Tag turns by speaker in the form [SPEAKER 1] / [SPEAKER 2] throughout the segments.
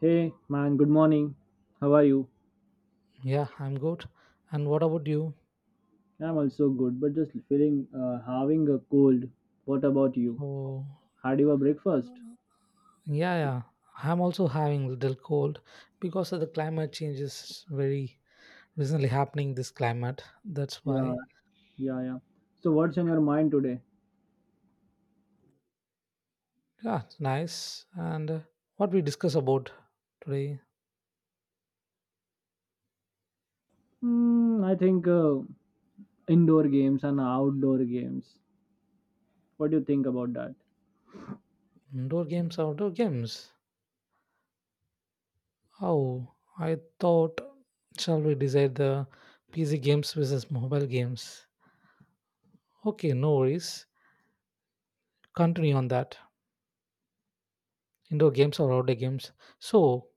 [SPEAKER 1] Hey man, good morning. How are you?
[SPEAKER 2] Yeah, I'm good. And what about you?
[SPEAKER 1] I'm also good, but just feeling having a cold. What about you?
[SPEAKER 2] Oh,
[SPEAKER 1] Had your breakfast?
[SPEAKER 2] yeah, yeah. I'm also having a little cold because of the climate change is very recently happening this climate. That's
[SPEAKER 1] Yeah,
[SPEAKER 2] why.
[SPEAKER 1] yeah. So what's on your mind today?
[SPEAKER 2] Yeah, it's nice. And what we discuss about today,
[SPEAKER 1] I think indoor games and outdoor games. What do you think about that?
[SPEAKER 2] indoor games, outdoor games. Oh, I thought, shall we decide the PC games versus mobile games? Okay, no worries. Continue on that. Indoor games or outdoor games. So,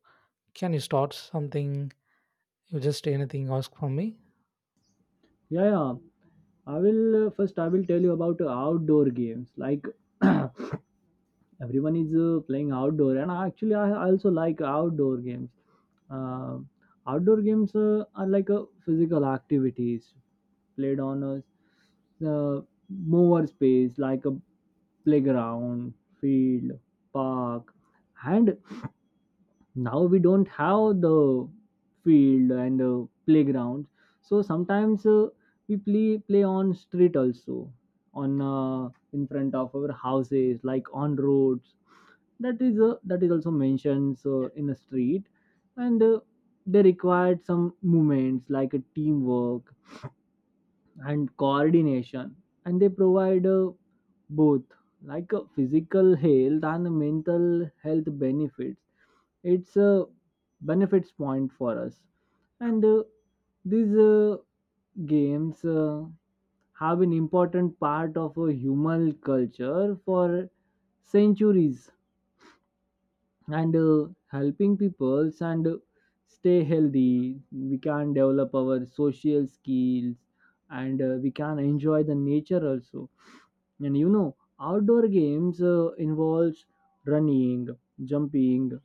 [SPEAKER 2] can you start something? You just anything ask from me?
[SPEAKER 1] Yeah. I will first. I will tell you about outdoor games like everyone is playing outdoor, and actually I also like outdoor games. uh, Outdoor games are like a physical activities played on a uh, mower space like a playground, field, park. And now we don't have the field and playground, so sometimes we play on street also, on in front of our houses like on roads. That is also mentioned in the street. And they required some movements like a teamwork and coordination, and they provide both like a physical health and mental health benefits. It's a benefits point for us. And uh, these uh, games uh, have an important part of a human culture for centuries, and helping peoples and stay healthy. We can develop our social skills, and we can enjoy the nature also. And you know, outdoor games involves running, jumping,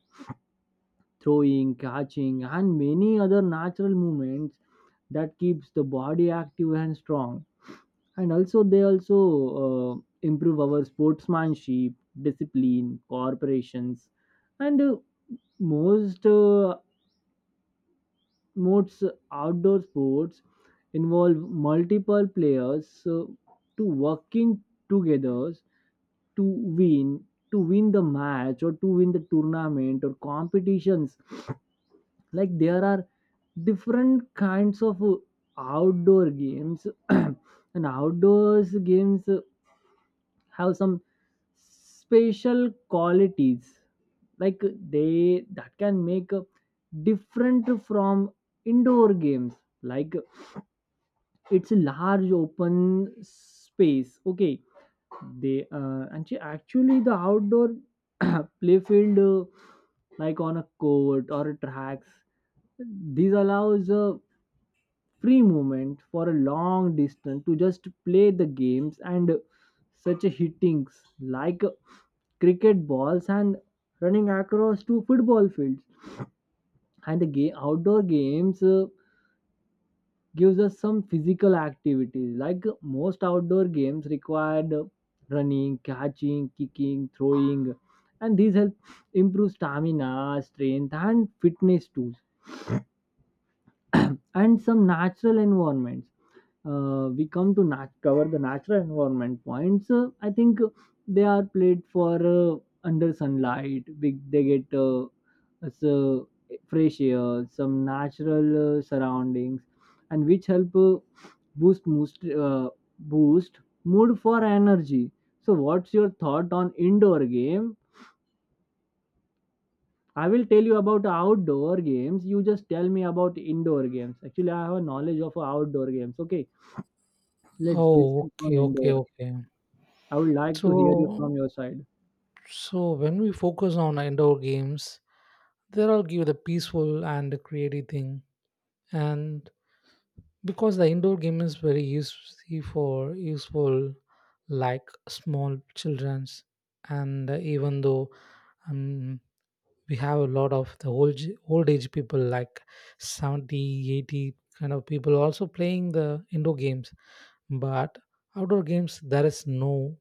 [SPEAKER 1] throwing, catching, and many other natural movements that keeps the body active and strong. And also, they also uh, improve our sportsmanship, discipline, corporations, and uh, most uh, Most outdoor sports involve multiple players, so to working together to win win the match, or to win the tournament or competitions. Like there are different kinds of outdoor games. And outdoors games have some special qualities, like they that can make different from indoor games. Like it's a large open space, okay? Actually the outdoor playfield like on a court or a tracks, this allows free movement for a long distance to just play the games, and such a hittings like cricket balls and running across to football fields. And the outdoor games gives us some physical activities. Like most outdoor games required running, catching, kicking, throwing, and these help improve stamina, strength, and fitness too. And some natural environments, we come to nat- cover the natural environment points. I think they are played for under sunlight. They get as, uh, fresh air, some natural surroundings, and which help boost most, uh, boost mood for energy. So what's your thought on indoor game? I will tell you about outdoor games. You just tell me about indoor games. Actually, I have a knowledge of outdoor games. Okay, let's
[SPEAKER 2] Oh,
[SPEAKER 1] discuss on
[SPEAKER 2] okay, okay,
[SPEAKER 1] indoor.
[SPEAKER 2] okay.
[SPEAKER 1] I would like to hear you from
[SPEAKER 2] So,
[SPEAKER 1] your side.
[SPEAKER 2] so, when we focus on indoor games, they all give the peaceful and the creative thing. And because the indoor game is very easy for useful, like small childrens, and even though um, we have a lot of the old age people, like 70, 80 kind of people, also playing the indoor games, but outdoor games there is no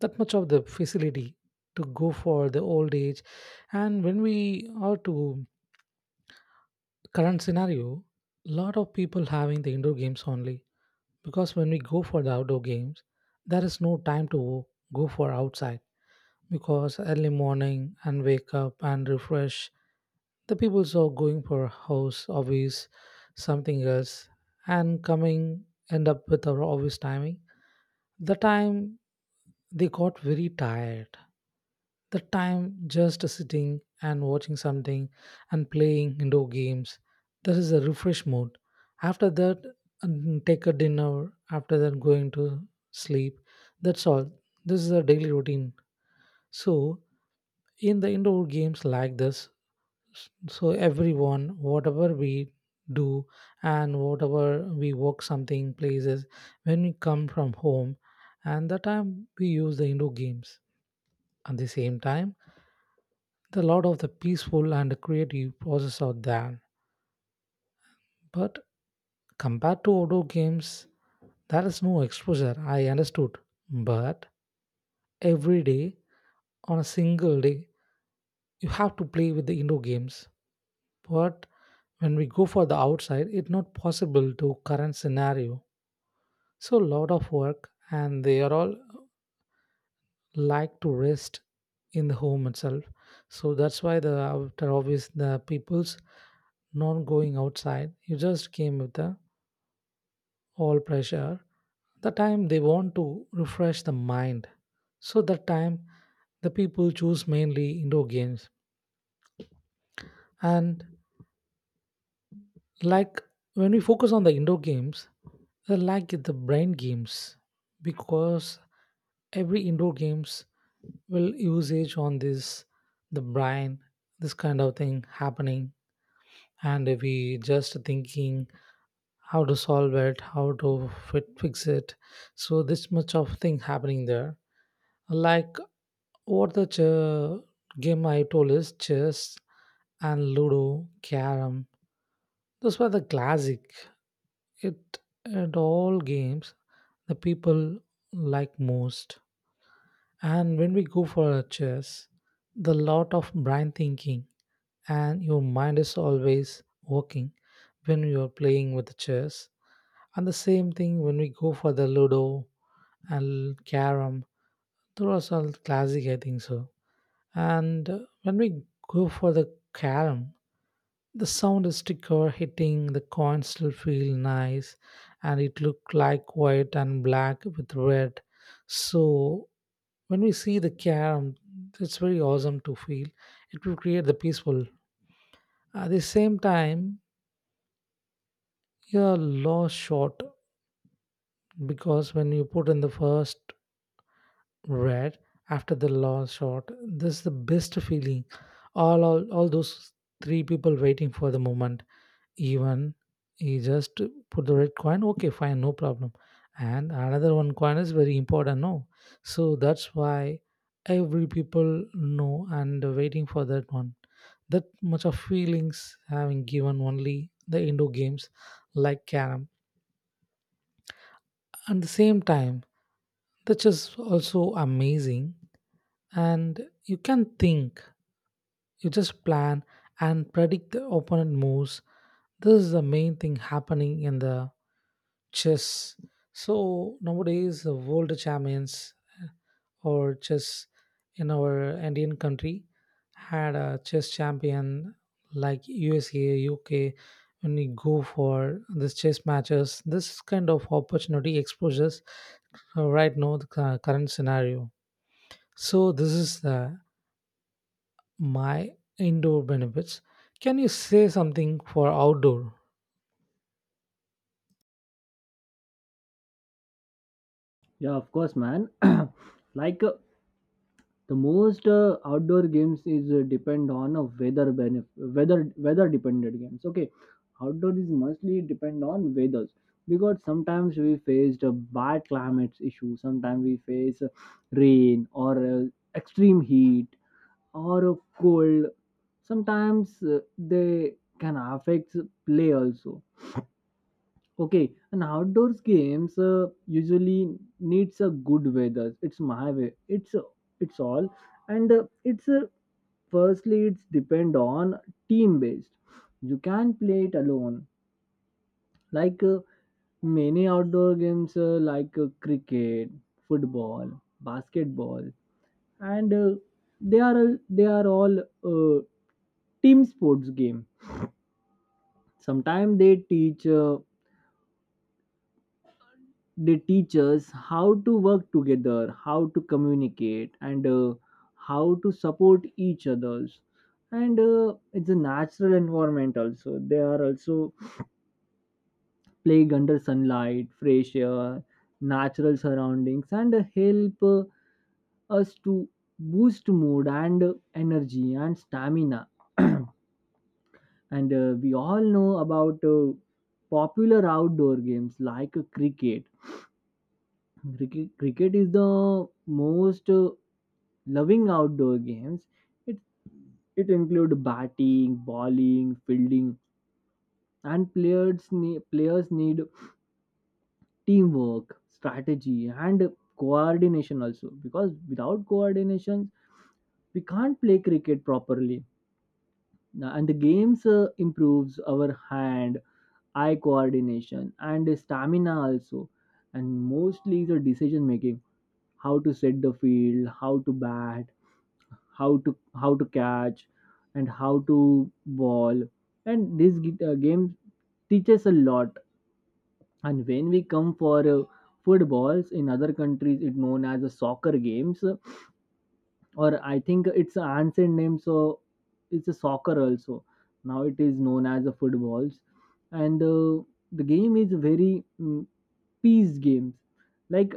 [SPEAKER 2] that much of the facility to go for the old age. And when we are to current scenario, lot of people having the indoor games only, because when we go for the outdoor games there is no time to go for outside, because early morning and wake up and refresh, the people are going for house, office, something else, and coming, end up with our office timing. The time they got very tired, the time just sitting and watching something and playing indoor games, that is a refresh mode after that, and take a dinner, after that going to sleep, that's all. This is a daily routine. So in the indoor games like this, so everyone whatever we do and whatever we work something places, when we come from home, and the time we use the indoor games, at the same time, the lot of the peaceful and creative process out there. But compared to outdoor games, there is no exposure, I understood. But every day, on a single day, you have to play with the indoor games. But when we go for the outside, it's not possible to current scenario. So lot of work, and they are all like to rest in the home itself. So that's why the after obvious the people's not going outside, you just came with the all pressure, the time they want to refresh the mind. So that time the people choose mainly indoor games. And, like, when we focus on the indoor games, they like the brain games, because every indoor games will usage on this, the brain, this kind of thing happening. And we just thinking how to solve it, fix it. So this much of thing happening there. Like, what the game I told is chess and ludo, carom, those were the classic. It, at all games, the people like most. And when we go for a chess, the lot of brain thinking, and your mind is always working when you are playing with the chess. And the same thing when we go for the ludo and carom, those are all classic, I think so. And when we go for the carom, the sound of sticker hitting the coin still feel nice, and it looked like white and black with red. So when we see the carom, it's very awesome to feel. It will create the peaceful. At the same time, your lost shot, because when you put in the first red, after the lost shot, this is the best feeling. All those three people waiting for the moment. Even he just put the red coin, okay, fine, no problem, and another one coin is very important, no. So that's why every people know and waiting for that one. That much of feelings having given only the indo games like carom. At the same time, that's just also amazing, and you can think, you just plan and predict the opponent moves, this is the main thing happening in the chess. So nowadays, the world champions, uh, or chess, in our Indian country had a chess champion like USA, UK. When we go for this chess matches, this kind of opportunity exposes right now the current scenario. So this is my indoor benefits. Can you say something for outdoor?
[SPEAKER 1] Yeah, of course, man. Like the most outdoor games is depend on a weather benef- weather weather dependent games. Okay, outdoor is mostly depend on weathers, because sometimes we faced a bad climate issue. Sometimes we face rain or extreme heat or a cold. Sometimes they can affect play also. Okay, and outdoors games usually needs a good weather. It's my way It's it's all. And it's Firstly, it's depend on team based. You can play it alone like many outdoor games like cricket, football, basketball, and they are they are all team sports game. Sometimes they teach us how to work together, how to communicate, and how to support each others. And it's a natural environment also. They are also playing under sunlight, fresh air, natural surroundings, and help us to boost mood and energy and stamina. And we all know about popular outdoor games like cricket. Cricket is the most loving outdoor games. It it include batting, bowling, fielding, and players need teamwork, strategy, and coordination also, because without coordination we can't play cricket properly. Now, and the games improves our hand eye coordination and stamina also, and mostly the decision making. How to set the field, how to bat, how to catch, and how to ball. And this game teaches a lot. And when we come for footballs, in other countries it's known as the soccer games, or I think it's an ancient name, so it's a soccer also. Now it is known as the footballs, and the game is very piece games. Like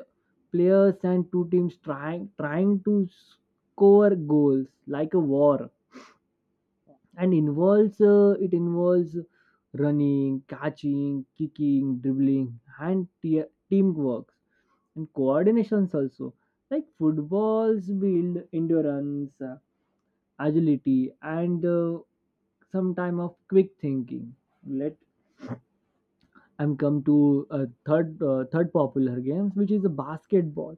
[SPEAKER 1] players and two teams trying to score goals like a war, and involves it involves running, catching, kicking, dribbling, and teamwork and coordinations also. Like footballs build endurance, agility, and some time of quick thinking. Let I'm come to a Third third popular games, which is a basketball.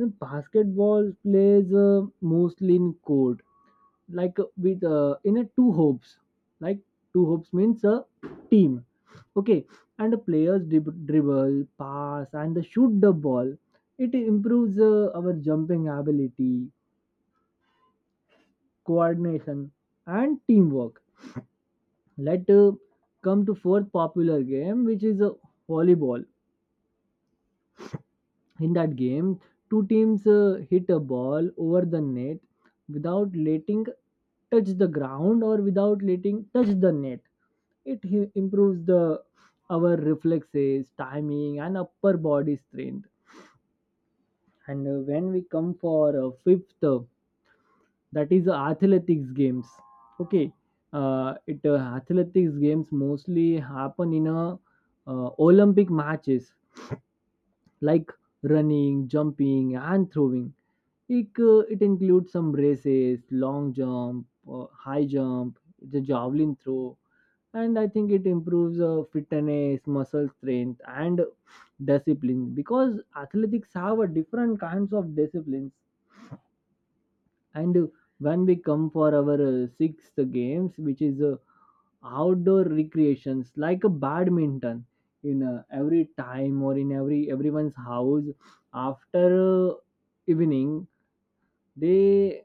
[SPEAKER 1] The basketball plays mostly in court, like with in a two hopes. Like two hopes means a team, okay? And the players dribble, pass, and they shoot the ball. It improves our jumping ability, coordination, and teamwork. Let Come to fourth popular game, which is volleyball. In that game, two teams hit a ball over the net without letting touch the ground, or without letting touch the net. It improves the our reflexes, timing, and upper body strength. And when we come for fifth, that is athletics games. Okay, it athletics games mostly happen in a olympic matches, like running, jumping, and throwing. It includes some races, long jump, high jump, the javelin throw, and I think it improves fitness, muscle strength, and discipline, because athletics have a different kinds of disciplines. And when we come for our sixth games, which is outdoor recreations like a badminton. In every time or in every everyone's house after evening, they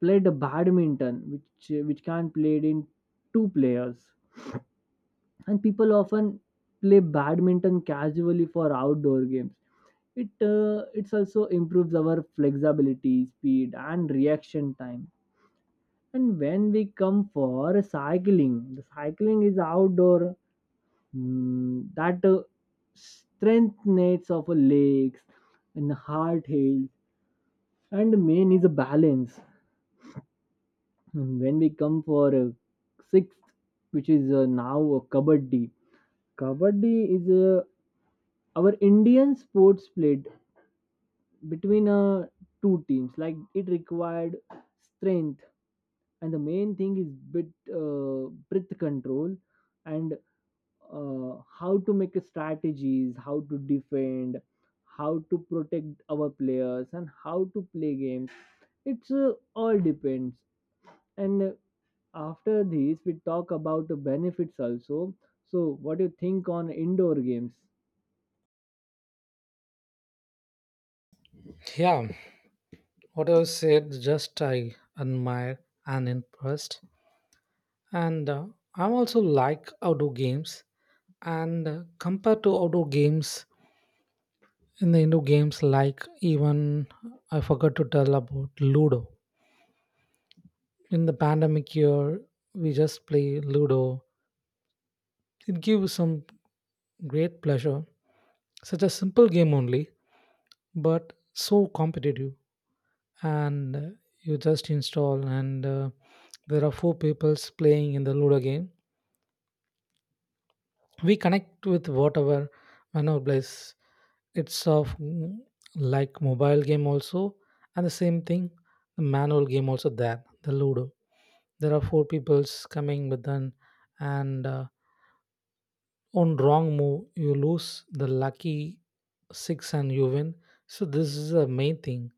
[SPEAKER 1] played a badminton, which can played in two players, and people often play badminton casually for outdoor games. It's also improves our flexibility, speed, and reaction time. And when we come for cycling, the cycling is outdoor. That strengthens of a legs and heart health, and main is a balance. When we come for sixth, which is now a kabaddi. Kabaddi is a our Indian sports, played between two teams. Like it required strength, and the main thing is bit breath control, and how to make a strategies, how to defend, how to protect our players, and how to play games. It's all depends. And after this, we talk about the benefits also. So, what do you think on indoor games?
[SPEAKER 2] Yeah, what I said, just I admire and impressed. And I'm also like outdoor games. And compared to outdoor games, in the indoor games, like, even I forgot to tell about ludo. In the pandemic year, we just play ludo, it gives some great pleasure. Such a simple game only, but so competitive. And you just install, and there are four peoples playing in the ludo game. We connect with whatever monopolies. it's of mm, like mobile game also, and the same thing the manual game also. That the ludo, there are four peoples coming, but then, and on wrong move you lose the lucky six and you win. So this is the main thing.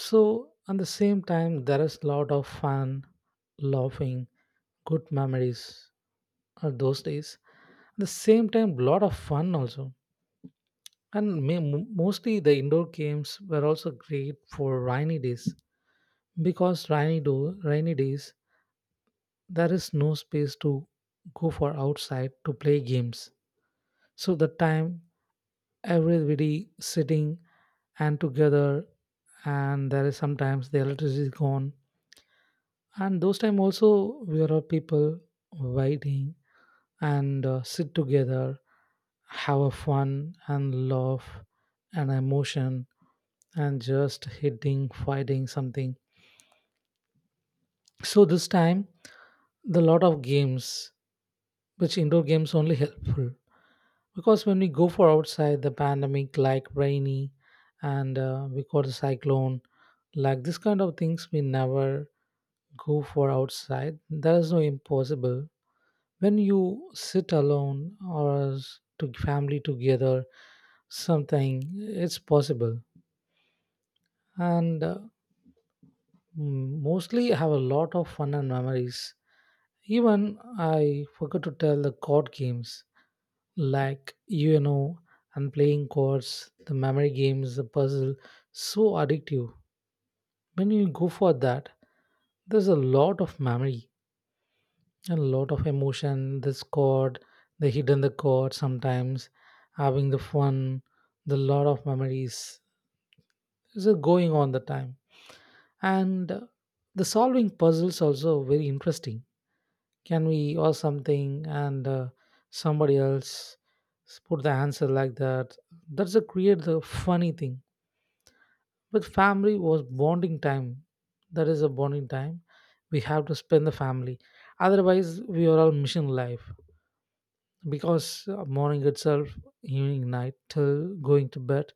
[SPEAKER 2] So at the same time there is lot of fun, laughing, good memories of those days. At the same time, lot of fun also. And mostly the indoor games were also great for rainy days, because rainy days there is no space to go for outside to play games. So the time everybody sitting and together, and there is sometimes the electricity is gone, and those time also there are people waiting, and sit together, have a fun and love and emotion, and just hitting, fighting something. So this time, the lot of games, which indoor games only helpful, because when we go for outside, the pandemic like rainy, and we call the cyclone, like this kind of things we never go for outside. There is no impossible. When you sit alone or to family together, something it's possible. and uh, Mostly I have a lot of fun and memories. Even I forgot to tell the card games, like, you know, and playing cards, the memory games, the puzzle, so addictive. When you go for that, there's a lot of memory and a lot of emotion. This chord, the hidden the chord sometimes, having the fun, the lot of memories is going on the time. And the solving puzzles also very interesting. Can we or something, and somebody else put the answer like that, that's a create the funny thing. But family was bonding time, that is a bonding time. We have to spend the family, otherwise we are all mission life. Because morning itself, evening, night, till going to bed,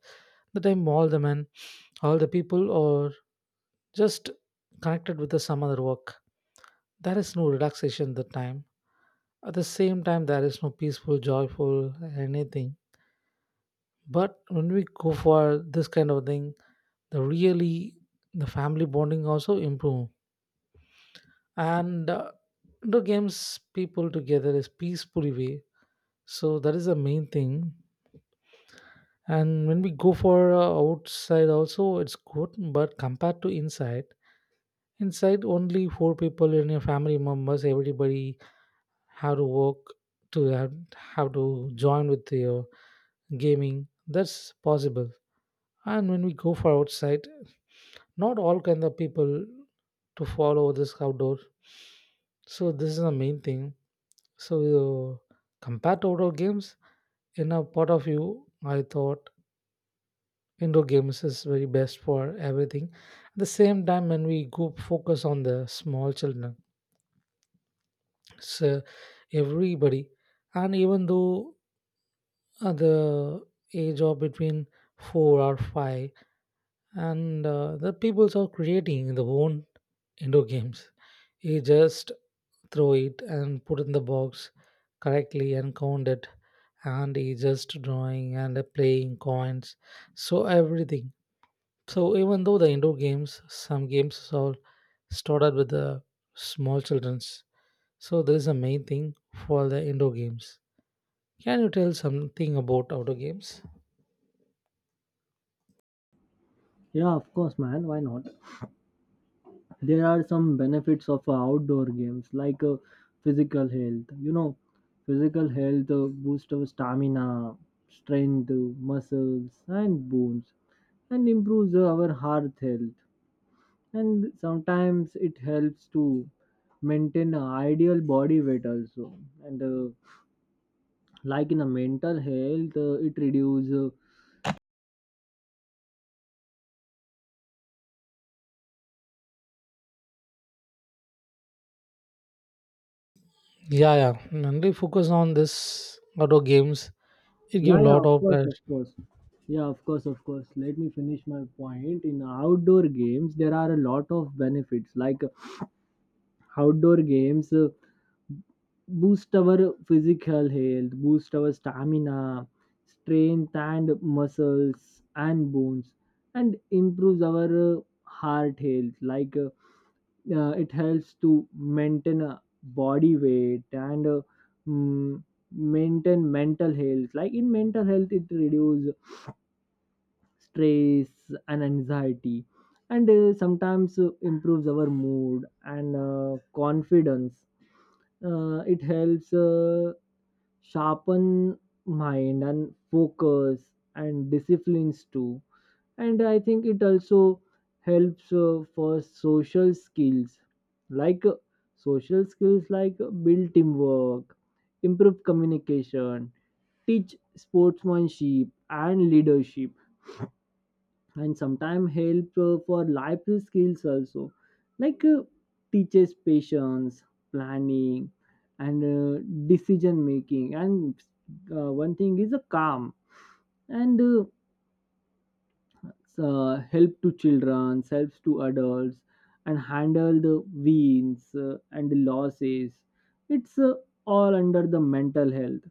[SPEAKER 2] the time all the men, all the people are just connected with the some other work. There is no relaxation at the time. At the same time, there is no peaceful, joyful, anything. But when we go for this kind of thing, the really the family bonding also improve. And the games people together is peacefully way. So that is the main thing. And when we go for outside also, it's good. But compared to inside, inside only four people in your family members, everybody how to work to have, how to join with your gaming, that's possible. And when we go for outside, not all kind of people to follow this outdoor. So this is the main thing. So compared to outdoor games, in a part of you I thought indoor games is very best for everything. At the same time, when we go focus on the small children, so everybody, and even though the age of between four or five, and the peoples are creating their own indoor games. You just throw it and put in the box correctly and count it, and he just drawing and playing coins, so everything. So even though the indoor games, some games are started with the small childrens. So this is the main thing for the indoor games. Can you tell something about outdoor games?
[SPEAKER 1] Yeah, of course, man. Why not? There are some benefits of outdoor games, like physical health, you know. Physical health boost of stamina, strength, muscles and bones, and improves our heart health, and sometimes it helps to maintain a ideal body weight also. And like in a mental health, it reduces.
[SPEAKER 2] Yeah, yeah. When we focus on this outdoor games, it
[SPEAKER 1] Yeah,
[SPEAKER 2] give a
[SPEAKER 1] yeah,
[SPEAKER 2] lot
[SPEAKER 1] of
[SPEAKER 2] of
[SPEAKER 1] course, of
[SPEAKER 2] pleasure.
[SPEAKER 1] course. Yeah, of course, of course. Let me finish my point. In outdoor games, there are a lot of benefits. Like outdoor games boost our physical health, boost our stamina, strength and muscles and bones, and improves our heart health. Like it helps to maintain body weight, and mm, maintain mental health. Like in mental health, it reduces stress and anxiety, and sometimes improves our mood and confidence. It helps sharpen mind and focus and disciplines too. And I think it also helps for social skills. Like uh, social skills like uh, build teamwork, improve communication, teach sportsmanship and leadership, and sometimes help for life skills also. Like teaches patience, planning, and decision making, and one thing is a calm. And help to children, helps to adults, and handle the wins and the losses. It's all under the mental health,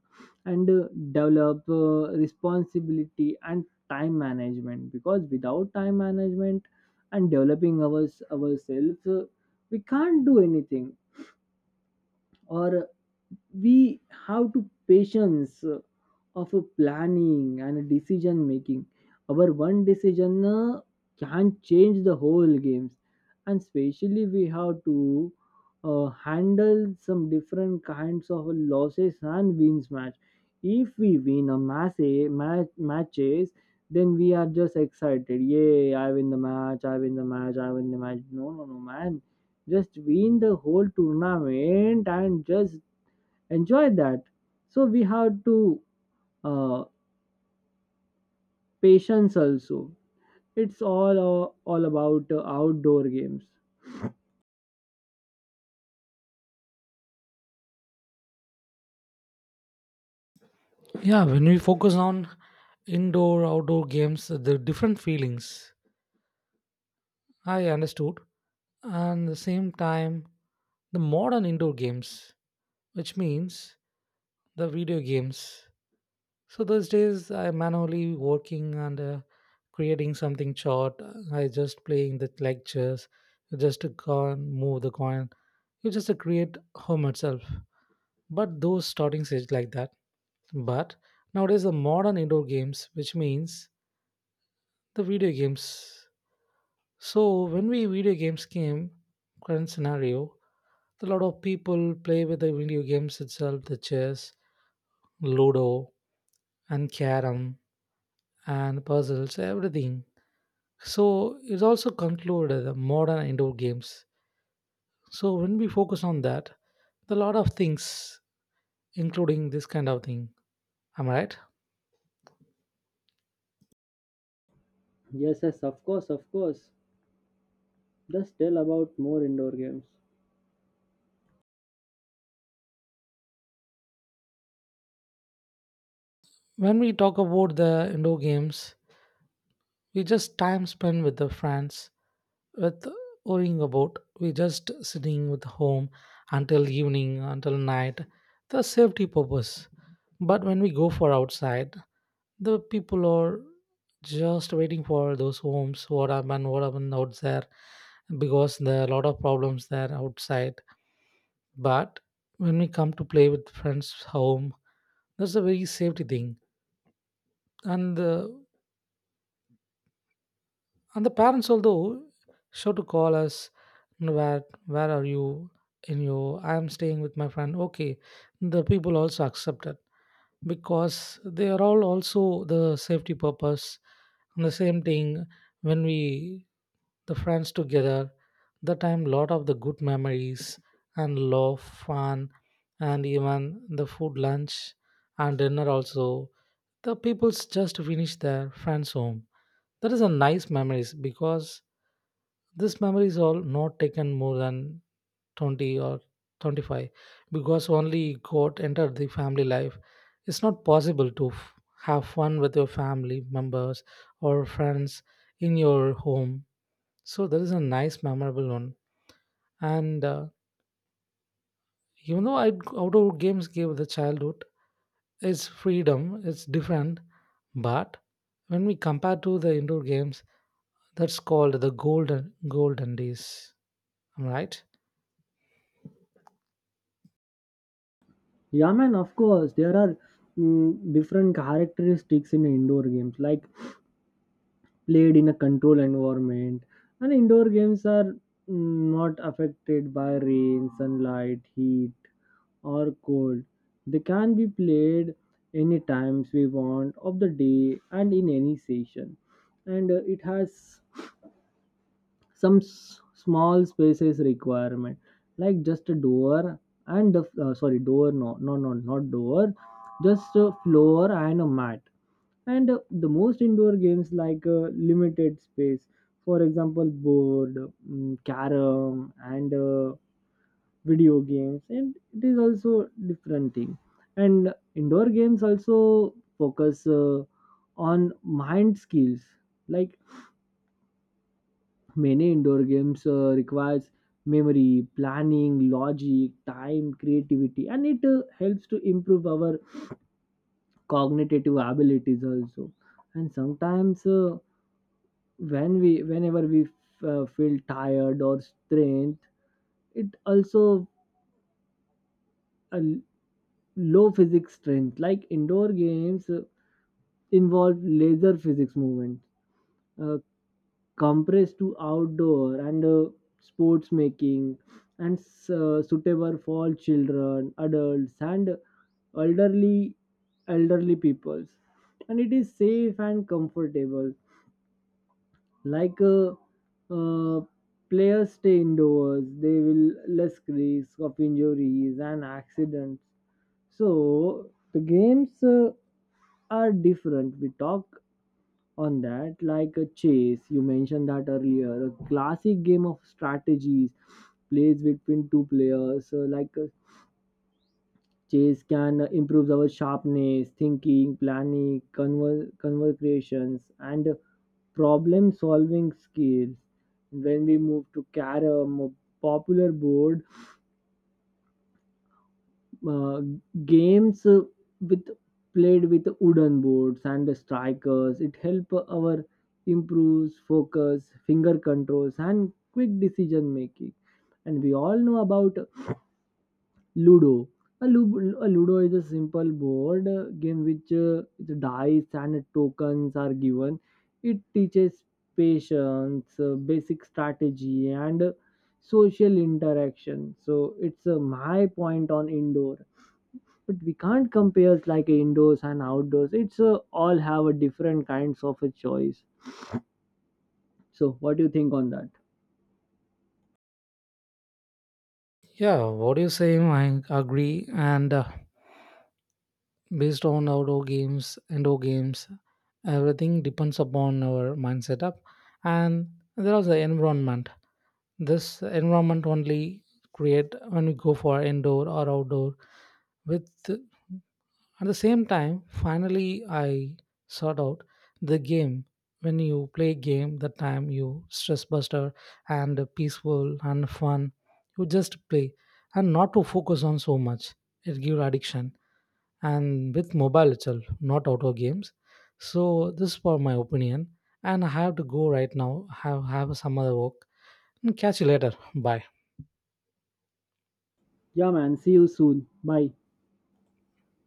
[SPEAKER 1] and develop responsibility and time management, because without time management and developing ourselves, we can't do anything, or we have to patience of a planning and a decision making. Our one decision can change the whole games, and especially we have to handle some different kinds of losses and wins match. If we win a match, matches, then we are just excited. Yay! I win the match. I win the match. I win the match. No, no, no, man. Just win the whole tournament and just enjoy that. So we have to uh, patience also. It's all about outdoor games.
[SPEAKER 2] Yeah. When we focus on indoor, outdoor games, the different feelings I understood. And the same time, the modern indoor games, which means the video games. So those days I manually working, and creating something short. I just playing the lectures, just to go and move the coin. You just create home itself. But those starting stage like that. But nowadays the modern indoor games, which means the video games. So when we video games came, current scenario, a lot of people play with the video games itself, the chess, ludo, and carom, and puzzles, everything. So it's also concluded the modern indoor games. So when we focus on that, the lot of things, including this kind of thing. Am I right?
[SPEAKER 1] Yes, yes, of course, of course. Just tell about more indoor games.
[SPEAKER 2] When we talk about the indoor games, we just time spent with the friends, with worrying about, we just sitting with home until evening until night, the safety purpose. But when we go for outside, the people are just waiting for those homes, what happened, what happened out there, because there are a lot of problems there outside. But when we come to play with friends home, that's a very safety thing. And the and the parents also sure to call us, "No, where are you? In your, I am staying with my friend, okay. The people also accepted, because they are all also the safety purpose. And the same thing, when we the friends together, the time lot of the good memories and love, fun. And even the food, lunch and dinner also, the people's just finish their friends home. That is a nice memories. Because this memories all not taken more than 20 or 25, because only got entered the family life. It's not possible to have fun with your family members or friends in your home. So that is a nice memorable one. And even though I, outdoor games gave the childhood its freedom, it's different. But when we compare to the indoor games, that's called the golden days. Am I right?
[SPEAKER 1] Yeah, man, of course. There are different characteristics in indoor games. Like played in a controlled environment, and indoor games are not affected by rain, sunlight, heat, or cold. They can be played any times we want of the day and in any session. And it has some small spaces requirement, like just a door, and the sorry door no no no not door, just a floor and a mat. And the most indoor games like limited space, for example board, carom, and video games, and it is also different thing. And indoor games also focus on mind skills. Like many indoor games requires memory, planning, logic, time, creativity, and it helps to improve our cognitive abilities also. And sometimes whenever we feel tired or strength, it also a low physics strength. Like indoor games involve laser physics movement uh, compressed to outdoor, and sports making, and suitable for children, adults, and elderly elderly peoples. And it is safe and comfortable, like uh, players stay indoors, they will less risk of injuries and accidents. So the games are different. We talk on that, like a chase you mentioned that earlier, a classic game of strategies, plays between two players. So like a chess can improve our sharpness, thinking, planning, conversations, and problem solving skills. When we move to carom, a popular board uh, games with played with wooden boards and strikers, it help our improves focus, finger controls, and quick decision making. And we all know about Ludo. A Ludo is a simple board game, which the dice and tokens are given. It teaches patience, basic strategy, and social interaction. So it's my point on indoor. But we can't compare like indoors and outdoors. It's all have a different kinds of a choice. So what do you think on that?
[SPEAKER 2] Yeah, what do you say? I agree. And based on outdoor games, indoor games, everything depends upon our mind setup. And there is the environment. This environment only create when we go for indoor or outdoor with. At the same time, finally, I sought out the game. When you play game, the time you stress buster and peaceful and fun, you just play and not to focus on so much. It gives addiction. And with mobile itself, not outdoor games. So this is for my opinion. And I have to go right now. Have some other work. And catch you later. Bye.
[SPEAKER 1] Yeah, man. See you soon. Bye.